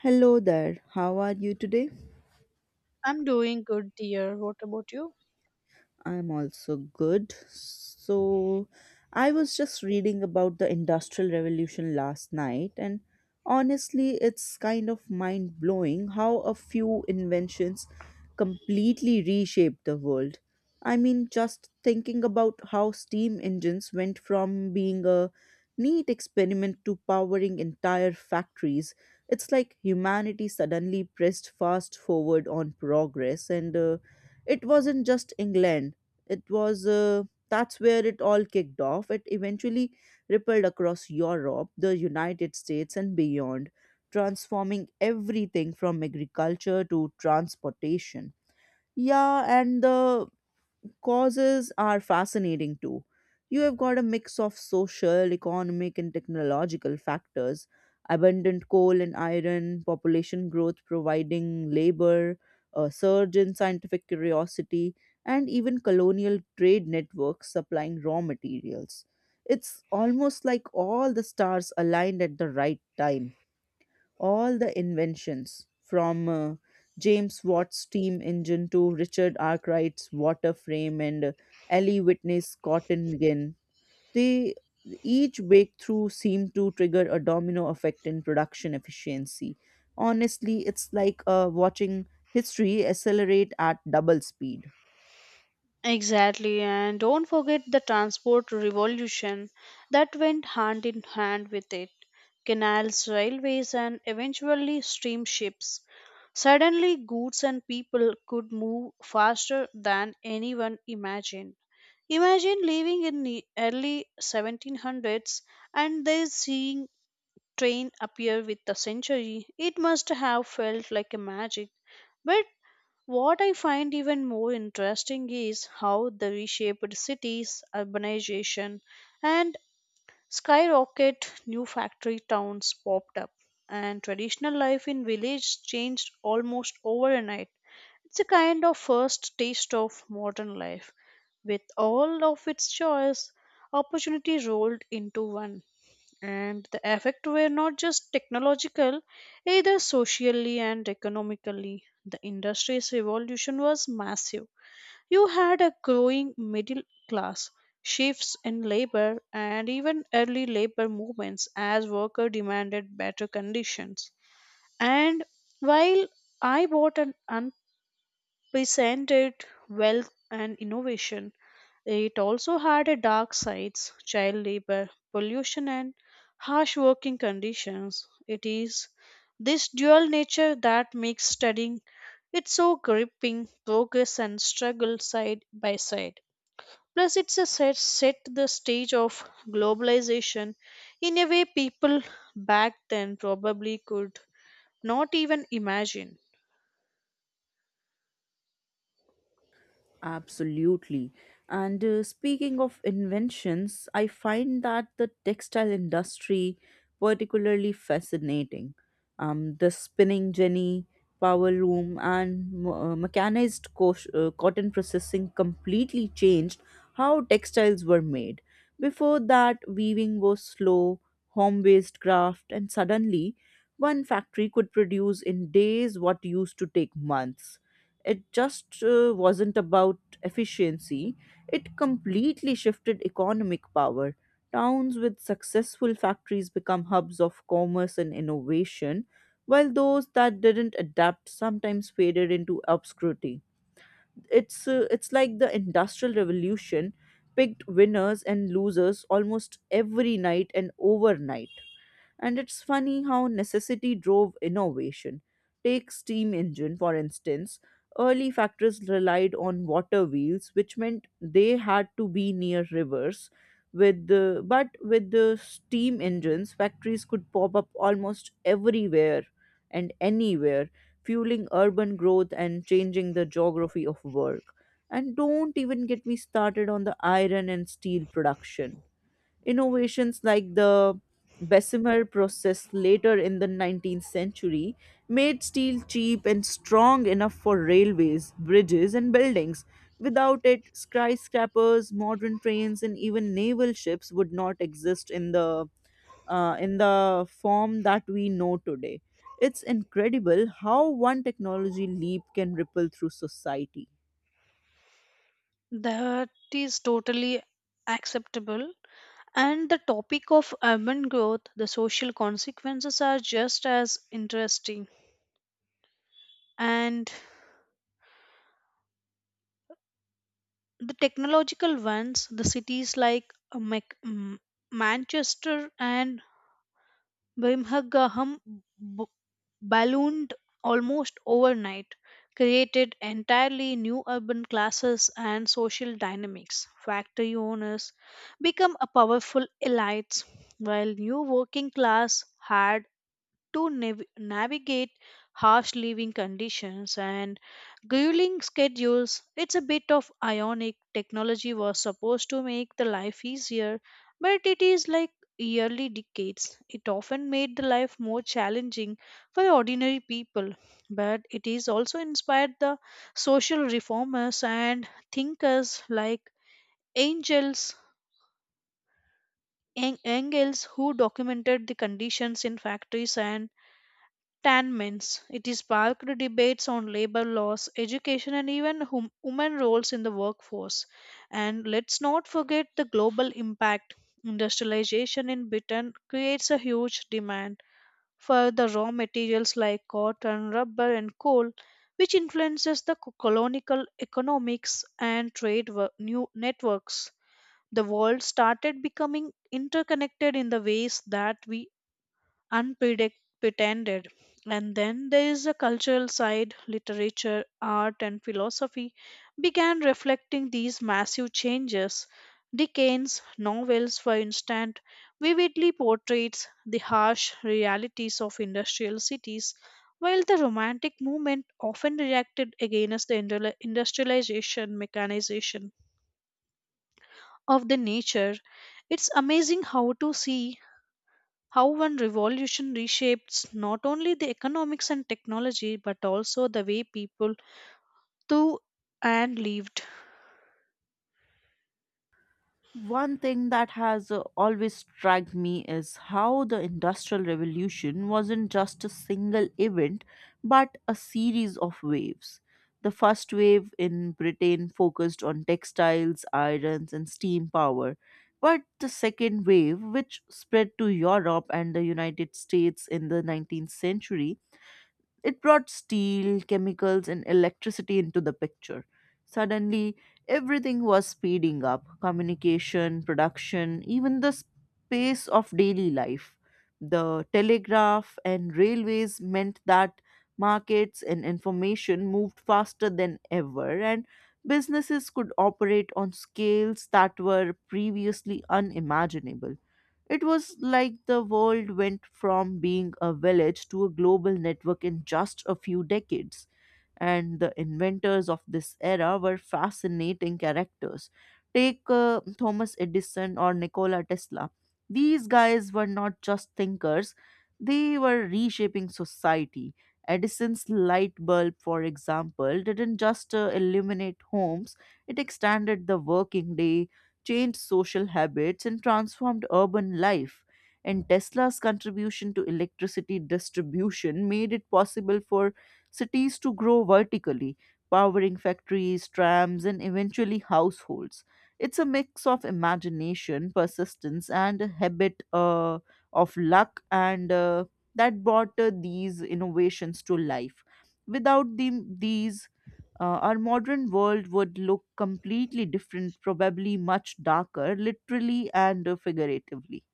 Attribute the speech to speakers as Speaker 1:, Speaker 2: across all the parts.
Speaker 1: Hello there, how are you today?
Speaker 2: I'm doing good, dear. What about you?
Speaker 1: I'm also good. So, I was just reading about the Industrial Revolution last night, and honestly, it's kind of mind blowing how a few inventions completely reshaped the world. I mean, just thinking about how steam engines went from being a neat experiment to powering entire factories, it's like humanity suddenly pressed fast forward on progress. And it wasn't just England, it was— that's where it all kicked off. It eventually rippled across Europe, the United States, and beyond, transforming everything from agriculture to transportation. Yeah, and the causes are fascinating too. You have got a mix of social, economic, and technological factors. Abundant coal and iron, population growth providing labor, a surge in scientific curiosity, and even colonial trade networks supplying raw materials. It's almost like all the stars aligned at the right time. All the inventions, from James Watt's steam engine to Richard Arkwright's water frame and Ellie Whitney's cotton gin, they— each breakthrough seemed to trigger a domino effect in production efficiency. Honestly, it's like watching history accelerate at double speed.
Speaker 2: Exactly, and don't forget the transport revolution that went hand in hand with it. Canals, railways, and eventually steamships. Suddenly, goods and people could move faster than anyone imagined. Imagine living in the early 1700s and then seeing train appear with the century. It must have felt like a magic. But, what I find even more interesting is how the reshaped cities, urbanization, and skyrocket new factory towns popped up, and traditional life in villages changed almost overnight. It's a kind of first taste of modern life, with all of its joys, opportunity rolled into one, and the effect were not just technological either. Socially and economically, the industry's evolution was massive. You had a growing middle class, shifts in labor, and even early labor movements as workers demanded better conditions. And while I bought an presented wealth and innovation. It also had a dark sides, child labor, pollution, and harsh working conditions. It is this dual nature that makes studying it so gripping, progress and struggle side by side. Plus it's a set the stage of globalization in a way people back then probably could not even imagine.
Speaker 1: Absolutely. And speaking of inventions, I find that the textile industry particularly fascinating. The spinning jenny, power loom, and mechanized cotton processing completely changed how textiles were made. Before that, weaving was slow, home based craft, and suddenly one factory could produce in days what used to take months. It just wasn't about efficiency, it completely shifted economic power. Towns with successful factories become hubs of commerce and innovation, while those that didn't adapt sometimes faded into obscurity. It's like the Industrial Revolution picked winners and losers almost every night and overnight. And it's funny how necessity drove innovation. Take steam engine, for instance. Early factories relied on water wheels, which meant they had to be near rivers. But with the steam engines, factories could pop up almost everywhere and anywhere, fueling urban growth and changing the geography of work. And don't even get me started on the iron and steel production. Innovations like the Bessemer process later in the 19th century made steel cheap and strong enough for railways, bridges, and buildings. Without it, skyscrapers, modern trains, and even naval ships would not exist in the form that we know today. It's incredible how one technology leap can ripple through society.
Speaker 2: That is totally acceptable. And the topic of urban growth, the social consequences are just as interesting. And the technological ones, the cities like Manchester and Birmingham, ballooned almost overnight, created entirely new urban classes and social dynamics. Factory owners become a powerful elites, while new working class had to navigate harsh living conditions and grueling schedules. It's a bit of ionic. Technology was supposed to make the life easier, but it is like yearly decades. It often made the life more challenging for ordinary people, but it is also inspired the social reformers and thinkers like angels. Engels, who documented the conditions in factories and 10 minutes. It is sparked debates on labor laws, education, and even women roles in the workforce. And let's not forget the global impact. Industrialization in Britain creates a huge demand for the raw materials like cotton, rubber, and coal, which influences the colonial economics and trade new networks. The world started becoming interconnected in the ways that we unpretended. And then there is a cultural side, literature, art, and philosophy began reflecting these massive changes. Dickens' novels, for instance, vividly portrays the harsh realities of industrial cities, while the Romantic movement often reacted against the industrialization, mechanization of the nature. It's amazing how to see how one revolution reshapes not only the economics and technology but also the way people thought and lived.
Speaker 1: One thing that has always struck me is how the Industrial Revolution wasn't just a single event, but a series of waves. The first wave in Britain focused on textiles, irons, and steam power. But the second wave, which spread to Europe and the United States in the 19th century, it brought steel, chemicals, and electricity into the picture. Suddenly, everything was speeding up: communication, production, even the pace of daily life. The telegraph and railways meant that markets and information moved faster than ever, and businesses could operate on scales that were previously unimaginable. It was like the world went from being a village to a global network in just a few decades. And the inventors of this era were fascinating characters. Take Thomas Edison or Nikola Tesla. These guys were not just thinkers, they were reshaping society. Edison's light bulb, for example, didn't just illuminate homes, it extended the working day, changed social habits, and transformed urban life. And Tesla's contribution to electricity distribution made it possible for cities to grow vertically, powering factories, trams, and eventually households. It's a mix of imagination, persistence, and a habit of luck, and that brought these innovations to life. Without our modern world would look completely different, probably much darker, literally and figuratively.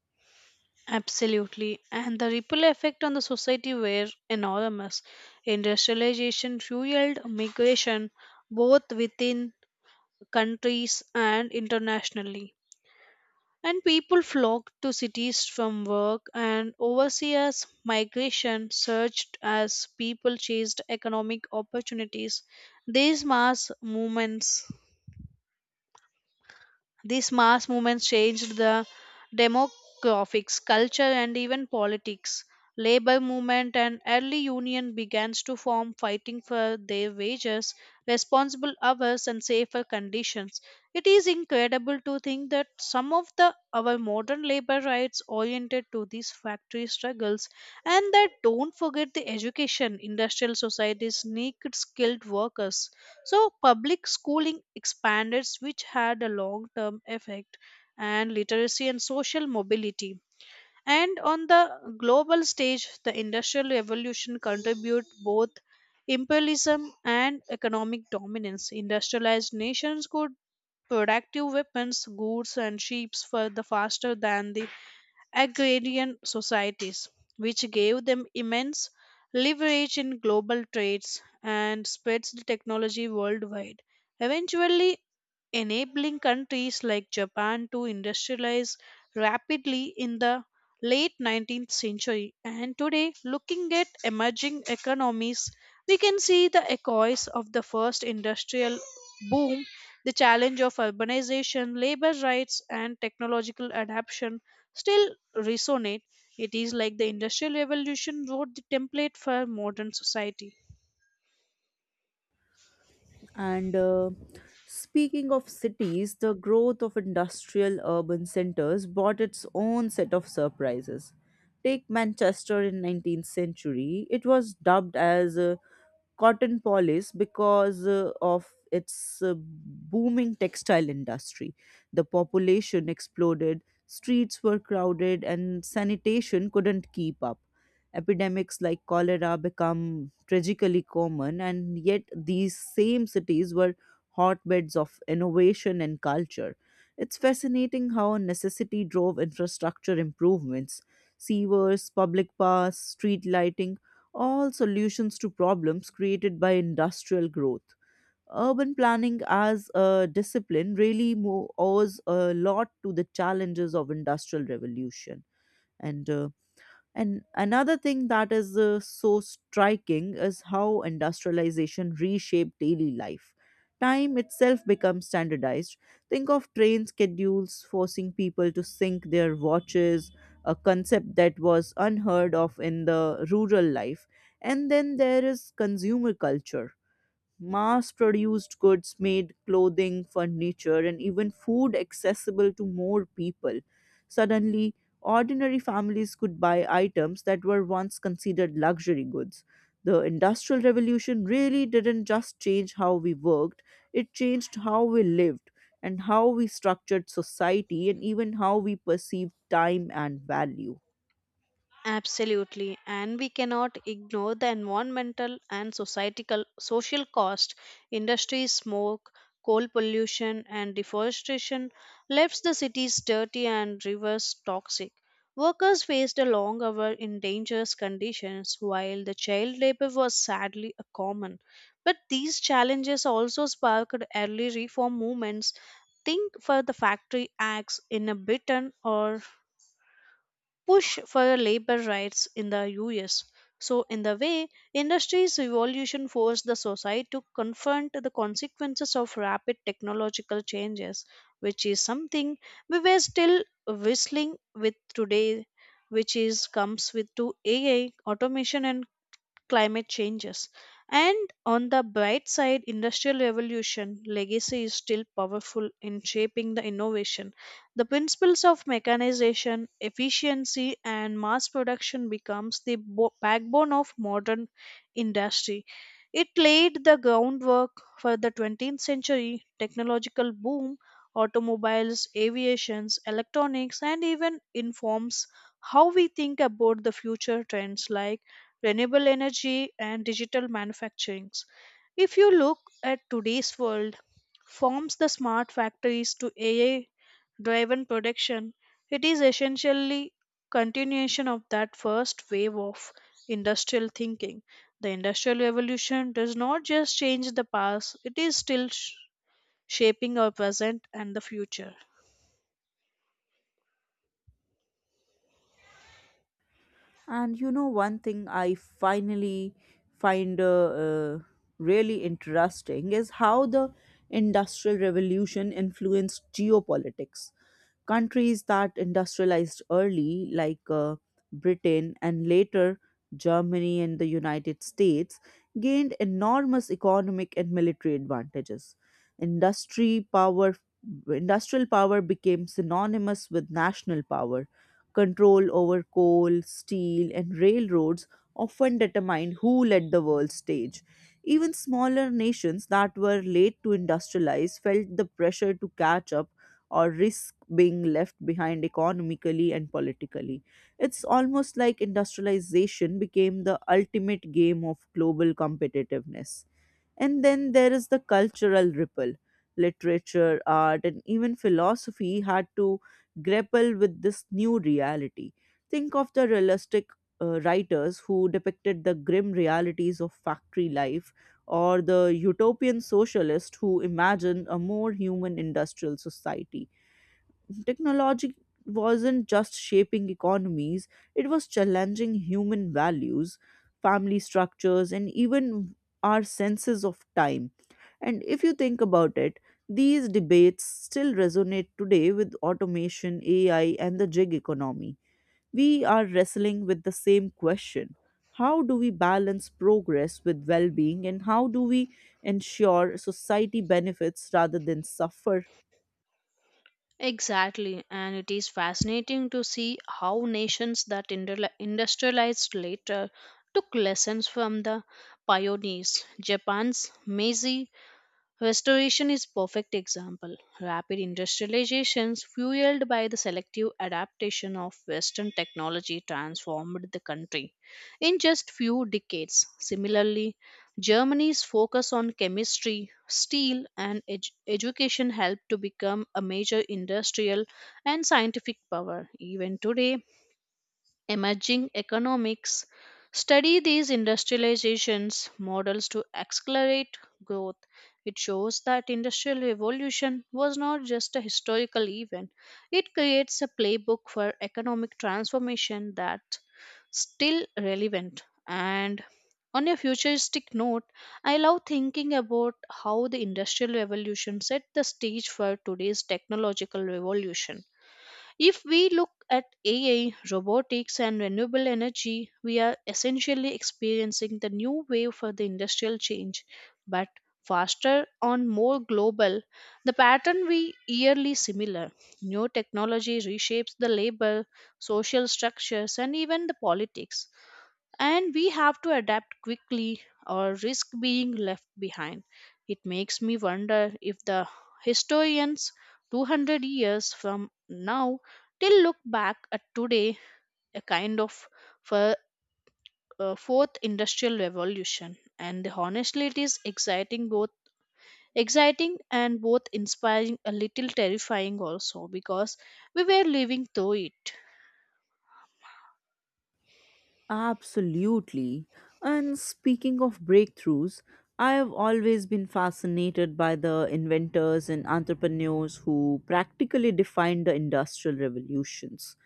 Speaker 2: Absolutely. And the ripple effect on the society were enormous. Industrialization fueled migration both within countries and internationally. And people flocked to cities from work, and overseas migration surged as people chased economic opportunities. these mass movements these mass movements changed the demographics, culture, and even politics. Labor movement and early union begins to form, fighting for their wages, responsible hours, and safer conditions. It is incredible to think that some of the our modern labor rights oriented to these factory struggles, and that don't forget the education. Industrial societies need skilled workers, so public schooling expanded, which had a long term effect and literacy and social mobility. And on the global stage, the Industrial Revolution contribute both imperialism and economic dominance. Industrialized nations could productive weapons, goods, and ships for the faster than the agrarian societies, which gave them immense leverage in global trades and spreads the technology worldwide. Eventually, enabling countries like Japan to industrialize rapidly in the late 19th century. And today, looking at emerging economies, we can see the echoes of the first industrial boom, the challenge of urbanization, labor rights, and technological adaptation still resonate. It is like the industrial revolution wrote the template for modern society.
Speaker 1: And speaking of cities, the growth of industrial urban centers brought its own set of surprises. Take Manchester in 19th century. It was dubbed as cotton polish because of its booming textile industry. The population exploded, streets were crowded, and sanitation couldn't keep up. Epidemics like cholera become tragically common, and yet these same cities were hotbeds of innovation and culture. It's fascinating how necessity drove infrastructure improvements: sewers, public paths, street lighting, all solutions to problems created by industrial growth. Urban planning as a discipline really owes a lot to the challenges of industrial revolution. And uh, and another thing that is so striking is how industrialization reshaped daily life. Time itself becomes standardized. Think of train schedules forcing people to sync their watches, a concept that was unheard of in the rural life. And then there is consumer culture: mass produced goods made clothing, furniture, and even food accessible to more people. Suddenly, ordinary families could buy items that were once considered luxury goods. The Industrial Revolution really didn't just change how we worked, it changed how we lived and how we structured society and even how we perceived time and value.
Speaker 2: Absolutely, and we cannot ignore the environmental and societal social cost. Industry smoke, coal pollution, and deforestation left the cities dirty and rivers toxic. Workers faced a long hour in dangerous conditions, while the child labor was sadly a common. But these challenges also sparked early reform movements. Think for the factory acts in a Britain or push for labor rights in the US. So, in the way, industry's evolution forced the society to confront the consequences of rapid technological changes, which is something we were still whistling with today, which is comes with to AI, automation, and climate changes. And on the bright side, industrial revolution legacy is still powerful in shaping the innovation. The principles of mechanization, efficiency, and mass production becomes the backbone of modern industry. It laid the groundwork for the 20th century technological boom. Automobiles, aviations, electronics, and even informs how we think about the future trends like renewable energy, and digital manufacturing. If you look at today's world, forms the smart factories to AI driven production, it is essentially continuation of that first wave of industrial thinking. The industrial revolution does not just change the past, it is still shaping our present and the future.
Speaker 1: And you know, one thing I finally find really interesting is how the Industrial Revolution influenced geopolitics. Countries that industrialized early, like Britain and later Germany and the United States, gained enormous economic and military advantages. Industry power, industrial power became synonymous with national power. Control over coal, steel, and railroads often determined who led the world stage. Even smaller nations that were late to industrialize felt the pressure to catch up or risk being left behind economically and politically. It's almost like industrialization became the ultimate game of global competitiveness. And then there is the cultural ripple. Literature, art, and even philosophy had to grapple with this new reality. Think of the realistic writers who depicted the grim realities of factory life, or the utopian socialist who imagined a more human industrial society. Technology wasn't just shaping economies, it was challenging human values, family structures, and even our senses of time. And if you think about it, these debates still resonate today with automation, AI, and the gig economy. We are wrestling with the same question. How do we balance progress with well being, and how do we ensure society benefits rather than suffer?
Speaker 2: Exactly, and it is fascinating to see how nations that industrialized later took lessons from the pioneers. Japan's Meiji Restoration is perfect example. Rapid industrializations fueled by the selective adaptation of western technology transformed the country in just few decades. Similarly, Germany's focus on chemistry, steel, and education helped to become a major industrial and scientific power. Even today, emerging economics study these industrializations models to accelerate growth. It shows that industrial revolution was not just a historical event. It creates a playbook for economic transformation that's still relevant. And on a futuristic note, I love thinking about how the industrial revolution set the stage for today's technological revolution. If we look at AI, robotics, and renewable energy, we are essentially experiencing the new wave for the industrial change, but faster on more global. The pattern we yearly similar. New technology reshapes the labor, social structures, and even the politics, and we have to adapt quickly or risk being left behind. It makes me wonder if the historians 200 years from now still look back at today a kind of fir- fourth industrial revolution, and honestly it is exciting, both exciting and both inspiring, a little terrifying also, because we were living through it.
Speaker 1: Absolutely. And speaking of breakthroughs, I have always been fascinated by the inventors and entrepreneurs who practically defined the industrial revolutions.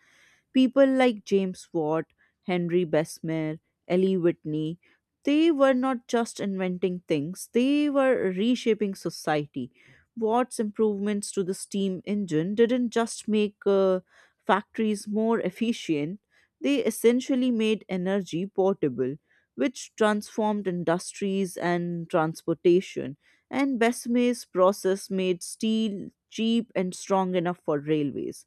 Speaker 1: People like James Watt, Henry Bessemer, Ellie Whitney, they were not just inventing things, they were reshaping society. Watt's improvements to the steam engine didn't just make factories more efficient, they essentially made energy portable, which transformed industries and transportation. And Bessemer's process made steel cheap and strong enough for railways,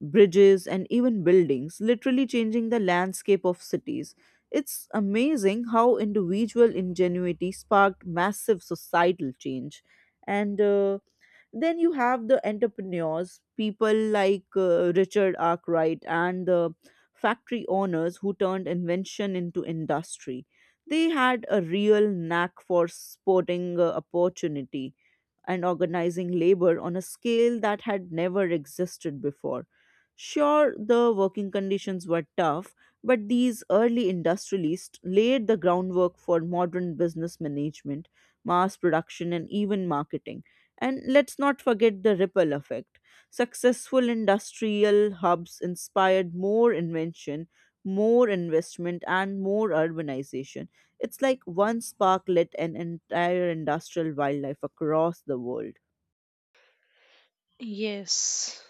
Speaker 1: bridges, and even buildings, literally changing the landscape of cities. It's amazing how individual ingenuity sparked massive societal change. And then you have the entrepreneurs, people like Richard Arkwright and the factory owners who turned invention into industry. They had a real knack for spotting opportunity and organizing labor on a scale that had never existed before. Sure, the working conditions were tough, but these early industrialists laid the groundwork for modern business management, mass production, and even marketing. And let's not forget the ripple effect. Successful industrial hubs inspired more invention, more investment, and more urbanization. It's like one spark lit an entire industrial wildlife across the world.
Speaker 2: Yes.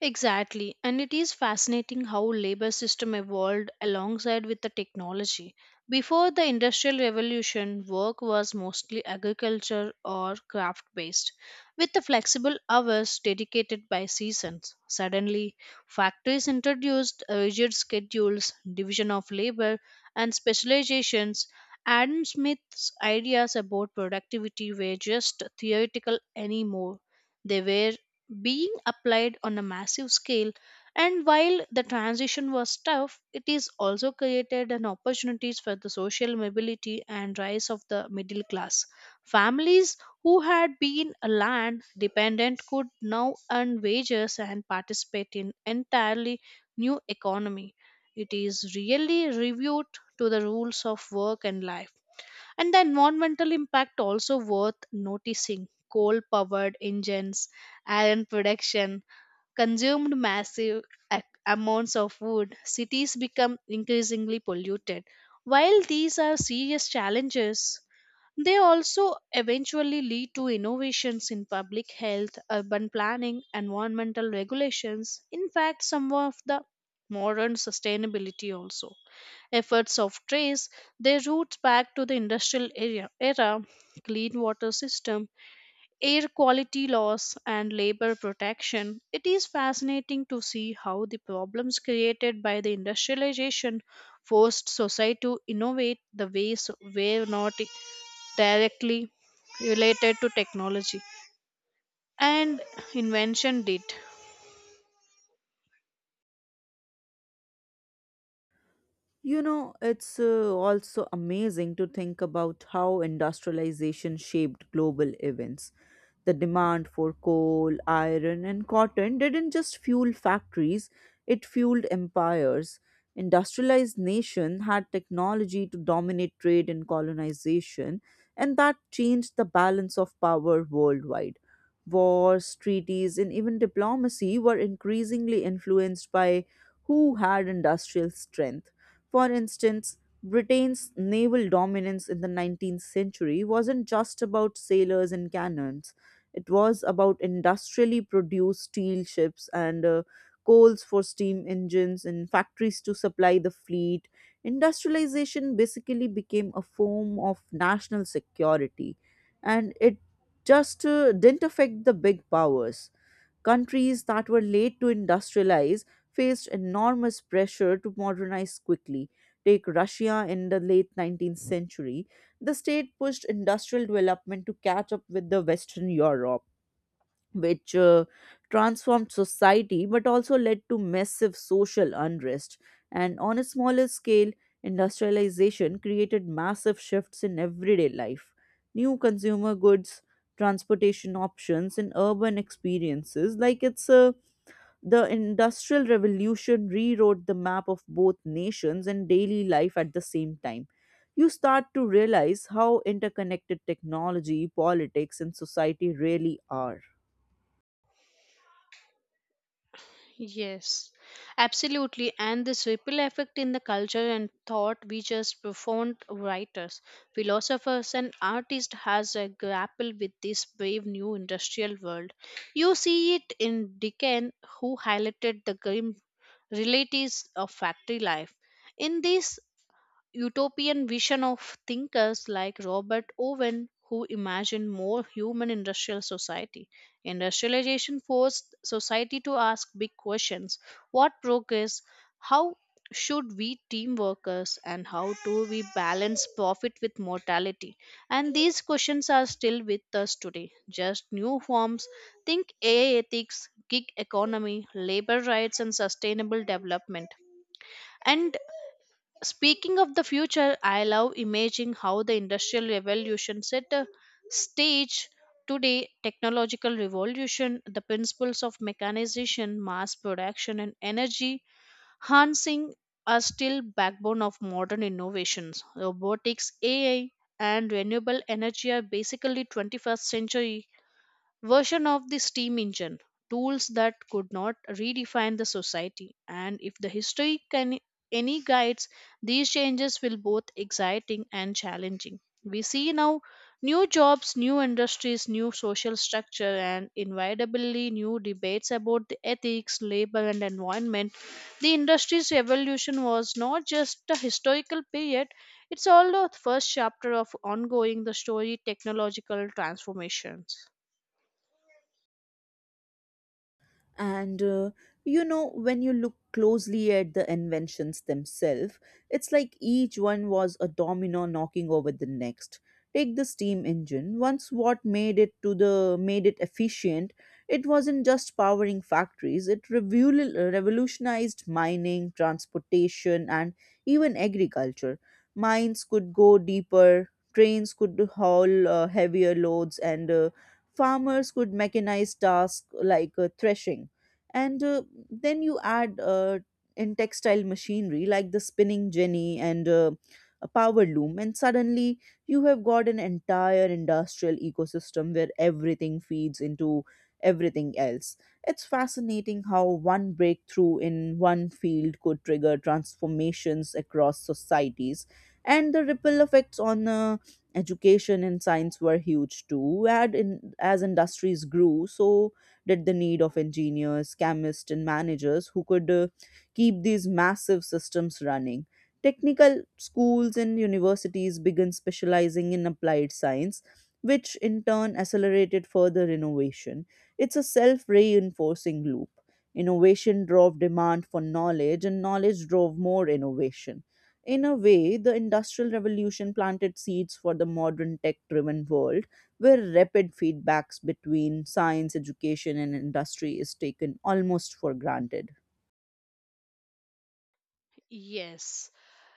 Speaker 2: Exactly, and it is fascinating how labor system evolved alongside with the technology. Before the industrial revolution, work was mostly agriculture or craft based with the flexible hours dedicated by seasons. Suddenly, factories introduced rigid schedules, division of labor, and specializations. Adam Smith's ideas about productivity were just theoretical anymore. They were being applied on a massive scale. And while the transition was tough, it is also created an opportunities for the social mobility and rise of the middle class. Families who had been land dependent could now earn wages and participate in entirely new economy. It is really reviewed to the rules of work and life, and the environmental impact also worth noticing. Coal powered engines, iron production, consumed massive amounts of wood, cities become increasingly polluted. While these are serious challenges, they also eventually lead to innovations in public health, urban planning, environmental regulations, in fact, some of the modern sustainability also. Efforts of trace their roots back to the industrial era, clean water system, air quality laws, and labor protection. It is fascinating to see how the problems created by the industrialization forced society to innovate the ways were not directly related to technology and invention did.
Speaker 1: You know, it's also amazing to think about how industrialization shaped global events. The demand for coal, iron, and cotton didn't just fuel factories, it fueled empires. Industrialized nations had technology to dominate trade and colonization, and that changed the balance of power worldwide. Wars, treaties, and even diplomacy were increasingly influenced by who had industrial strength. For instance, Britain's naval dominance in the 19th century wasn't just about sailors and cannons, it was about industrially produced steel ships and coals for steam engines and factories to supply the fleet. Industrialization basically became a form of national security, and it just didn't affect the big powers. Countries that were late to industrialize faced enormous pressure to modernize quickly. Take Russia in the late 19th century. The state pushed industrial development to catch up with the Western Europe, which transformed society but also led to massive social unrest. And on a smaller scale, industrialization created massive shifts in everyday life. New consumer goods, transportation options, and urban experiences, like it's a— the Industrial Revolution rewrote the map of both nations and daily life at the same time. You start to realize how interconnected technology, politics, and society really are.
Speaker 2: Yes, absolutely. And this ripple effect in the culture and thought reaches profound writers, philosophers, and artists has a grapple with this brave new industrial world. You see it in Dickens, who highlighted the grim realities of factory life. In this utopian vision of thinkers like Robert Owen, who imagined more human industrial society. Industrialization forced society to ask big questions. What progress, how should we team workers, and how do we balance profit with mortality? And these questions are still with us today, just new forms. Think AI ethics, gig economy, labor rights, and sustainable development. And speaking of the future, I love imagining how the industrial revolution set a stage today technological revolution. The principles of mechanization, mass production, and energy harnessing are still backbone of modern innovations. Robotics, AI, and renewable energy are basically 21st century version of the steam engine, tools that could not redefine the society. And if the history can any guides, these changes will both exciting and challenging. We see now new jobs, new industries, new social structure, and inevitably new debates about the ethics, labor, and environment. The industry's revolution was not just a historical period, it's all the first chapter of ongoing the story technological transformations.
Speaker 1: And you know, when you look closely at the inventions themselves, it's like each one was a domino knocking over the next. Take the steam engine. Once what made it to the made it efficient, it wasn't just powering factories. It revolutionized mining, transportation, and even agriculture. Mines could go deeper. Trains could haul heavier loads, and farmers could mechanize tasks like threshing and then you add in textile machinery like the spinning jenny and a power loom, and suddenly you have got an entire industrial ecosystem where everything feeds into everything else. It's fascinating how one breakthrough in one field could trigger transformations across societies, and the ripple effects on education and science were huge too. As industries grew, so did the need of engineers, chemists, and managers who could keep these massive systems running. Technical schools and universities began specializing in applied science, which in turn accelerated further innovation. It's a self reinforcing loop. Innovation drove demand for knowledge, and knowledge drove more innovation. In a way, the Industrial Revolution planted seeds for the modern tech driven world, where rapid feedbacks between science, education, and industry is taken almost for granted.
Speaker 2: Yes.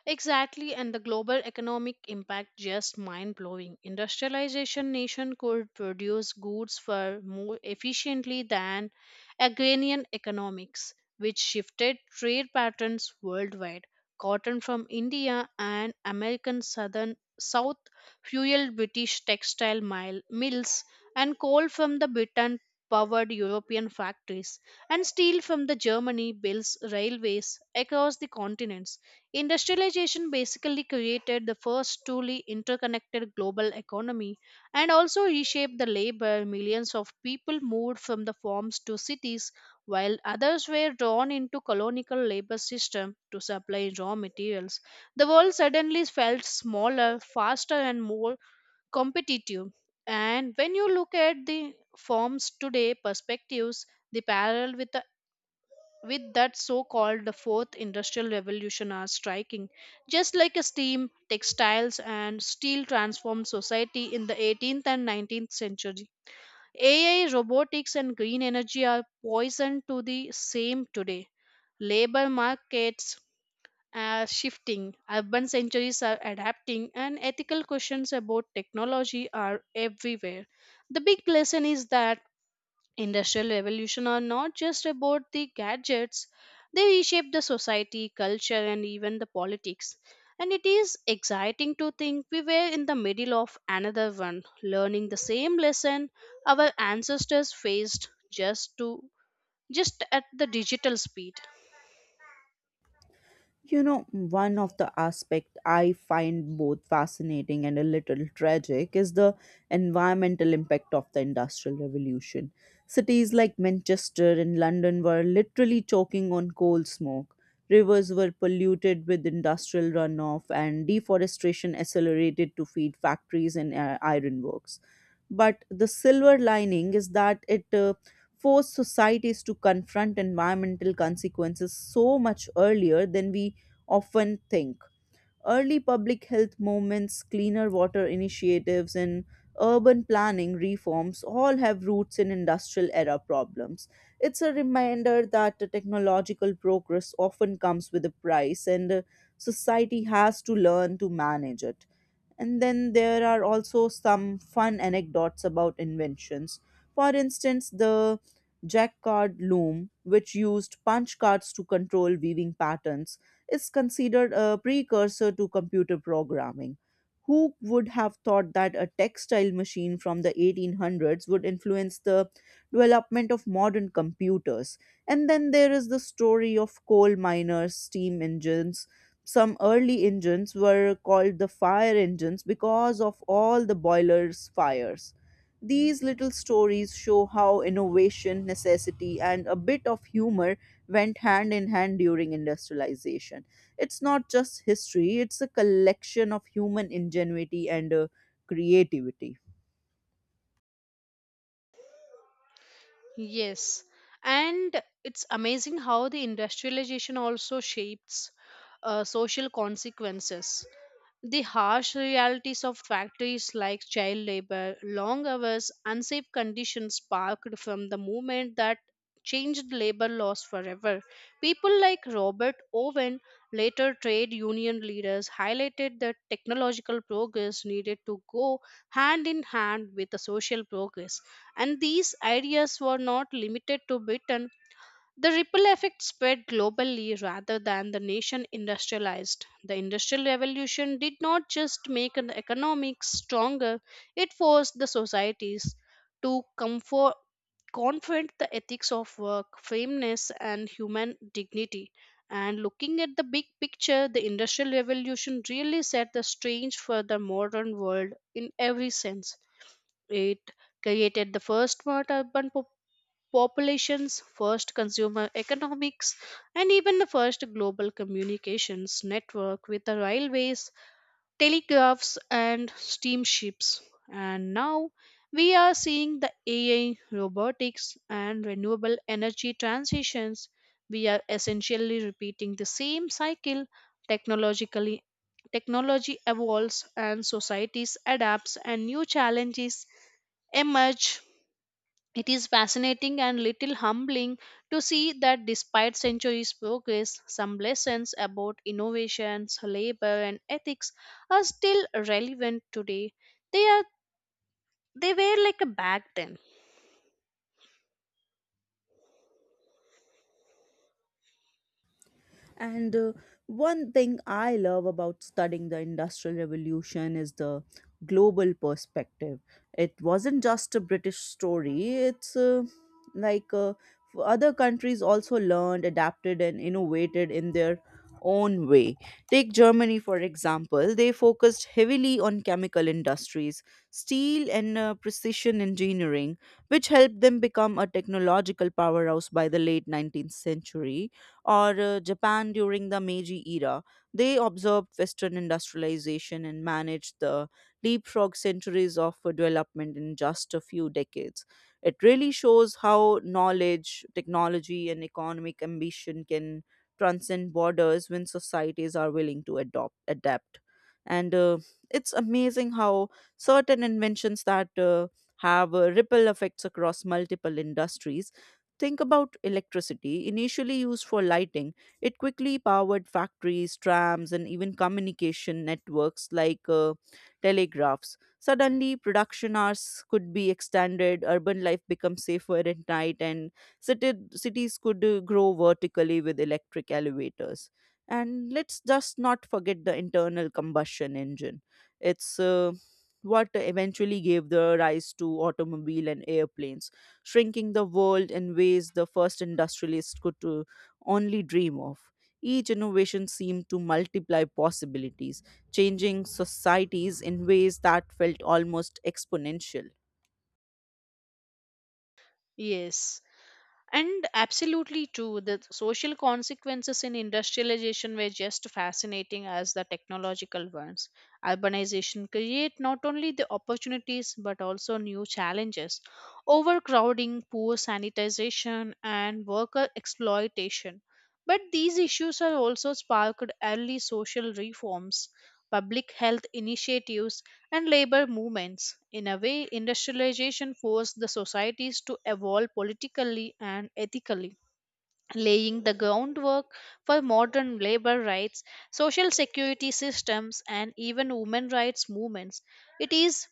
Speaker 2: Exactly, and the global economic impact just mind blowing. Industrialization nation could produce goods far more efficiently than agrarian economics, which shifted trade patterns worldwide. Cotton from India and American southern South fueled British textile mills, and coal from the Britain powered European factories, and steel from the Germany builds railways across the continents. Industrialization basically created the first truly interconnected global economy and also reshaped the labor. Millions of people moved from the farms to cities, while others were drawn into colonial labor system to supply raw materials. The world suddenly felt smaller, faster, and more competitive. And when you look at the farms today perspectives, the parallel with that so called the fourth industrial revolution are striking, just like a steam textiles and steel transformed society in the 18th and 19th century. AI robotics and green energy are poisoned to the same today. Labor markets are shifting, urban centuries are adapting, and ethical questions about technology are everywhere. The big lesson is that industrial revolution are not just about the gadgets, they reshape the society, culture, and even the politics. And it is exciting to think we were in the middle of another one, learning the same lesson our ancestors faced, just at the digital speed.
Speaker 1: You know, one of the aspects I find both fascinating and a little tragic is the environmental impact of the Industrial Revolution. Cities like Manchester and London were literally choking on coal smoke. Rivers were polluted with industrial runoff, and deforestation accelerated to feed factories and ironworks. But the silver lining is that it forced societies to confront environmental consequences so much earlier than we often think. Early public health movements, cleaner water initiatives, and urban planning reforms all have roots in industrial era problems. It's a reminder that the technological progress often comes with a price, and society has to learn to manage it. And then there are also some fun anecdotes about inventions. For instance, the jacquard loom, which used punch cards to control weaving patterns, is considered a precursor to computer programming. Who would have thought that a textile machine from the 1800s would influence the development of modern computers? And then there is the story of coal miners, steam engines. Some early engines were called the fire engines because of all the boilers' fires. These little stories show how innovation, necessity, and a bit of humor went hand in hand during industrialization. It's not just history, it's a collection of human ingenuity and creativity.
Speaker 2: Yes, and it's amazing how the industrialization also shapes social consequences. The harsh realities of factories like child labor, long hours, unsafe conditions sparked from the movement that changed labor laws forever. People like Robert Owen, later trade union leaders, highlighted that technological progress needed to go hand in hand with the social progress. And these ideas were not limited to Britain, the ripple effect spread globally rather than the nation industrialized. The Industrial Revolution did not just make an economics stronger, it forced the societies to confront the ethics of work, fairness, and human dignity. And looking at the big picture, the Industrial Revolution really set the stage for the modern world in every sense. It created the first smart urban populations, first consumer economics, and even the first global communications network with the railways, telegraphs, and steamships. And now we are seeing the AI, robotics, and renewable energy transitions. We are essentially repeating the same cycle technologically. Technology evolves and societies adapts and new challenges emerge. It is fascinating and little humbling to see that despite centuries' progress, some lessons about innovations, labor, and ethics are still relevant today. They are they were like a back then.
Speaker 1: And One thing I love about studying the Industrial Revolution is the global perspective. It wasn't just a British story, like uh, f- other countries also learned, adapted, and innovated in their own way. Take Germany, for example, they focused heavily on chemical industries, steel, and precision engineering, which helped them become a technological powerhouse by the late 19th century, or Japan during the Meiji era. They observed Western industrialization and managed the leapfrog centuries of development in just a few decades. It really shows how knowledge, technology, and economic ambition can transcend borders when societies are willing to adopt adapt. And it's amazing how certain inventions that have ripple effects across multiple industries. Think about electricity, initially used for lighting. It quickly powered factories, trams, and even communication networks like telegraphs. Suddenly, production hours could be extended, urban life becomes safer at night, and cities could grow vertically with electric elevators. And let's just not forget the internal combustion engine. It's What eventually gave the rise to automobile and airplanes, shrinking the world in ways the first industrialists could only dream of. Each innovation seemed to multiply possibilities, changing societies in ways that felt almost exponential.
Speaker 2: Yes. And absolutely true, the social consequences in industrialization were just fascinating as the technological ones. Urbanization create not only the opportunities but also new challenges. Overcrowding, poor sanitization, and worker exploitation. But these issues are also sparked early social reforms, public health initiatives, and labor movements. In a way, industrialization forced the societies to evolve politically and ethically, laying the groundwork for modern labor rights, social security systems, and even women rights movements. It is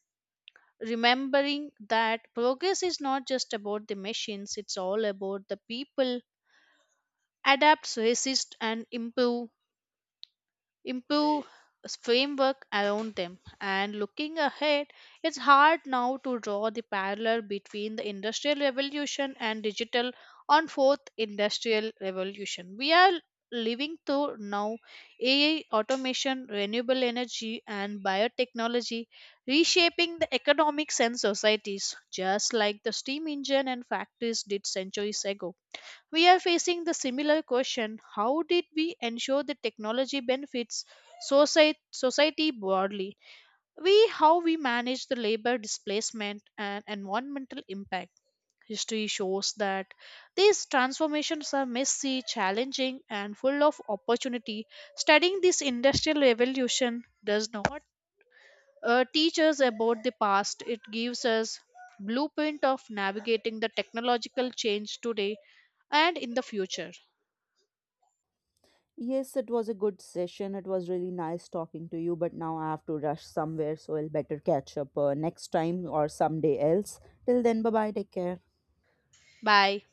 Speaker 2: remembering that progress is not just about the machines, it's all about the people adapt, resist, and improve framework around them. And looking ahead, it's hard now to draw the parallel between the industrial revolution and digital on fourth industrial revolution. We are living through now AI, automation, renewable energy, and biotechnology reshaping the economics and societies, just like the steam engine and factories did centuries ago. We are facing the similar question, how did we ensure the technology benefits society broadly? We How we manage the labor displacement and environmental impact. History shows that these transformations are messy, challenging, and full of opportunity. Studying this industrial revolution does not teach us about the past, it gives us blueprint of navigating the technological change today and in the future.
Speaker 1: Yes, it was a good session. It was really nice talking to you, but now I have to rush somewhere, so I'll better catch up next time or someday else. Till then, bye bye, take care.
Speaker 2: Bye.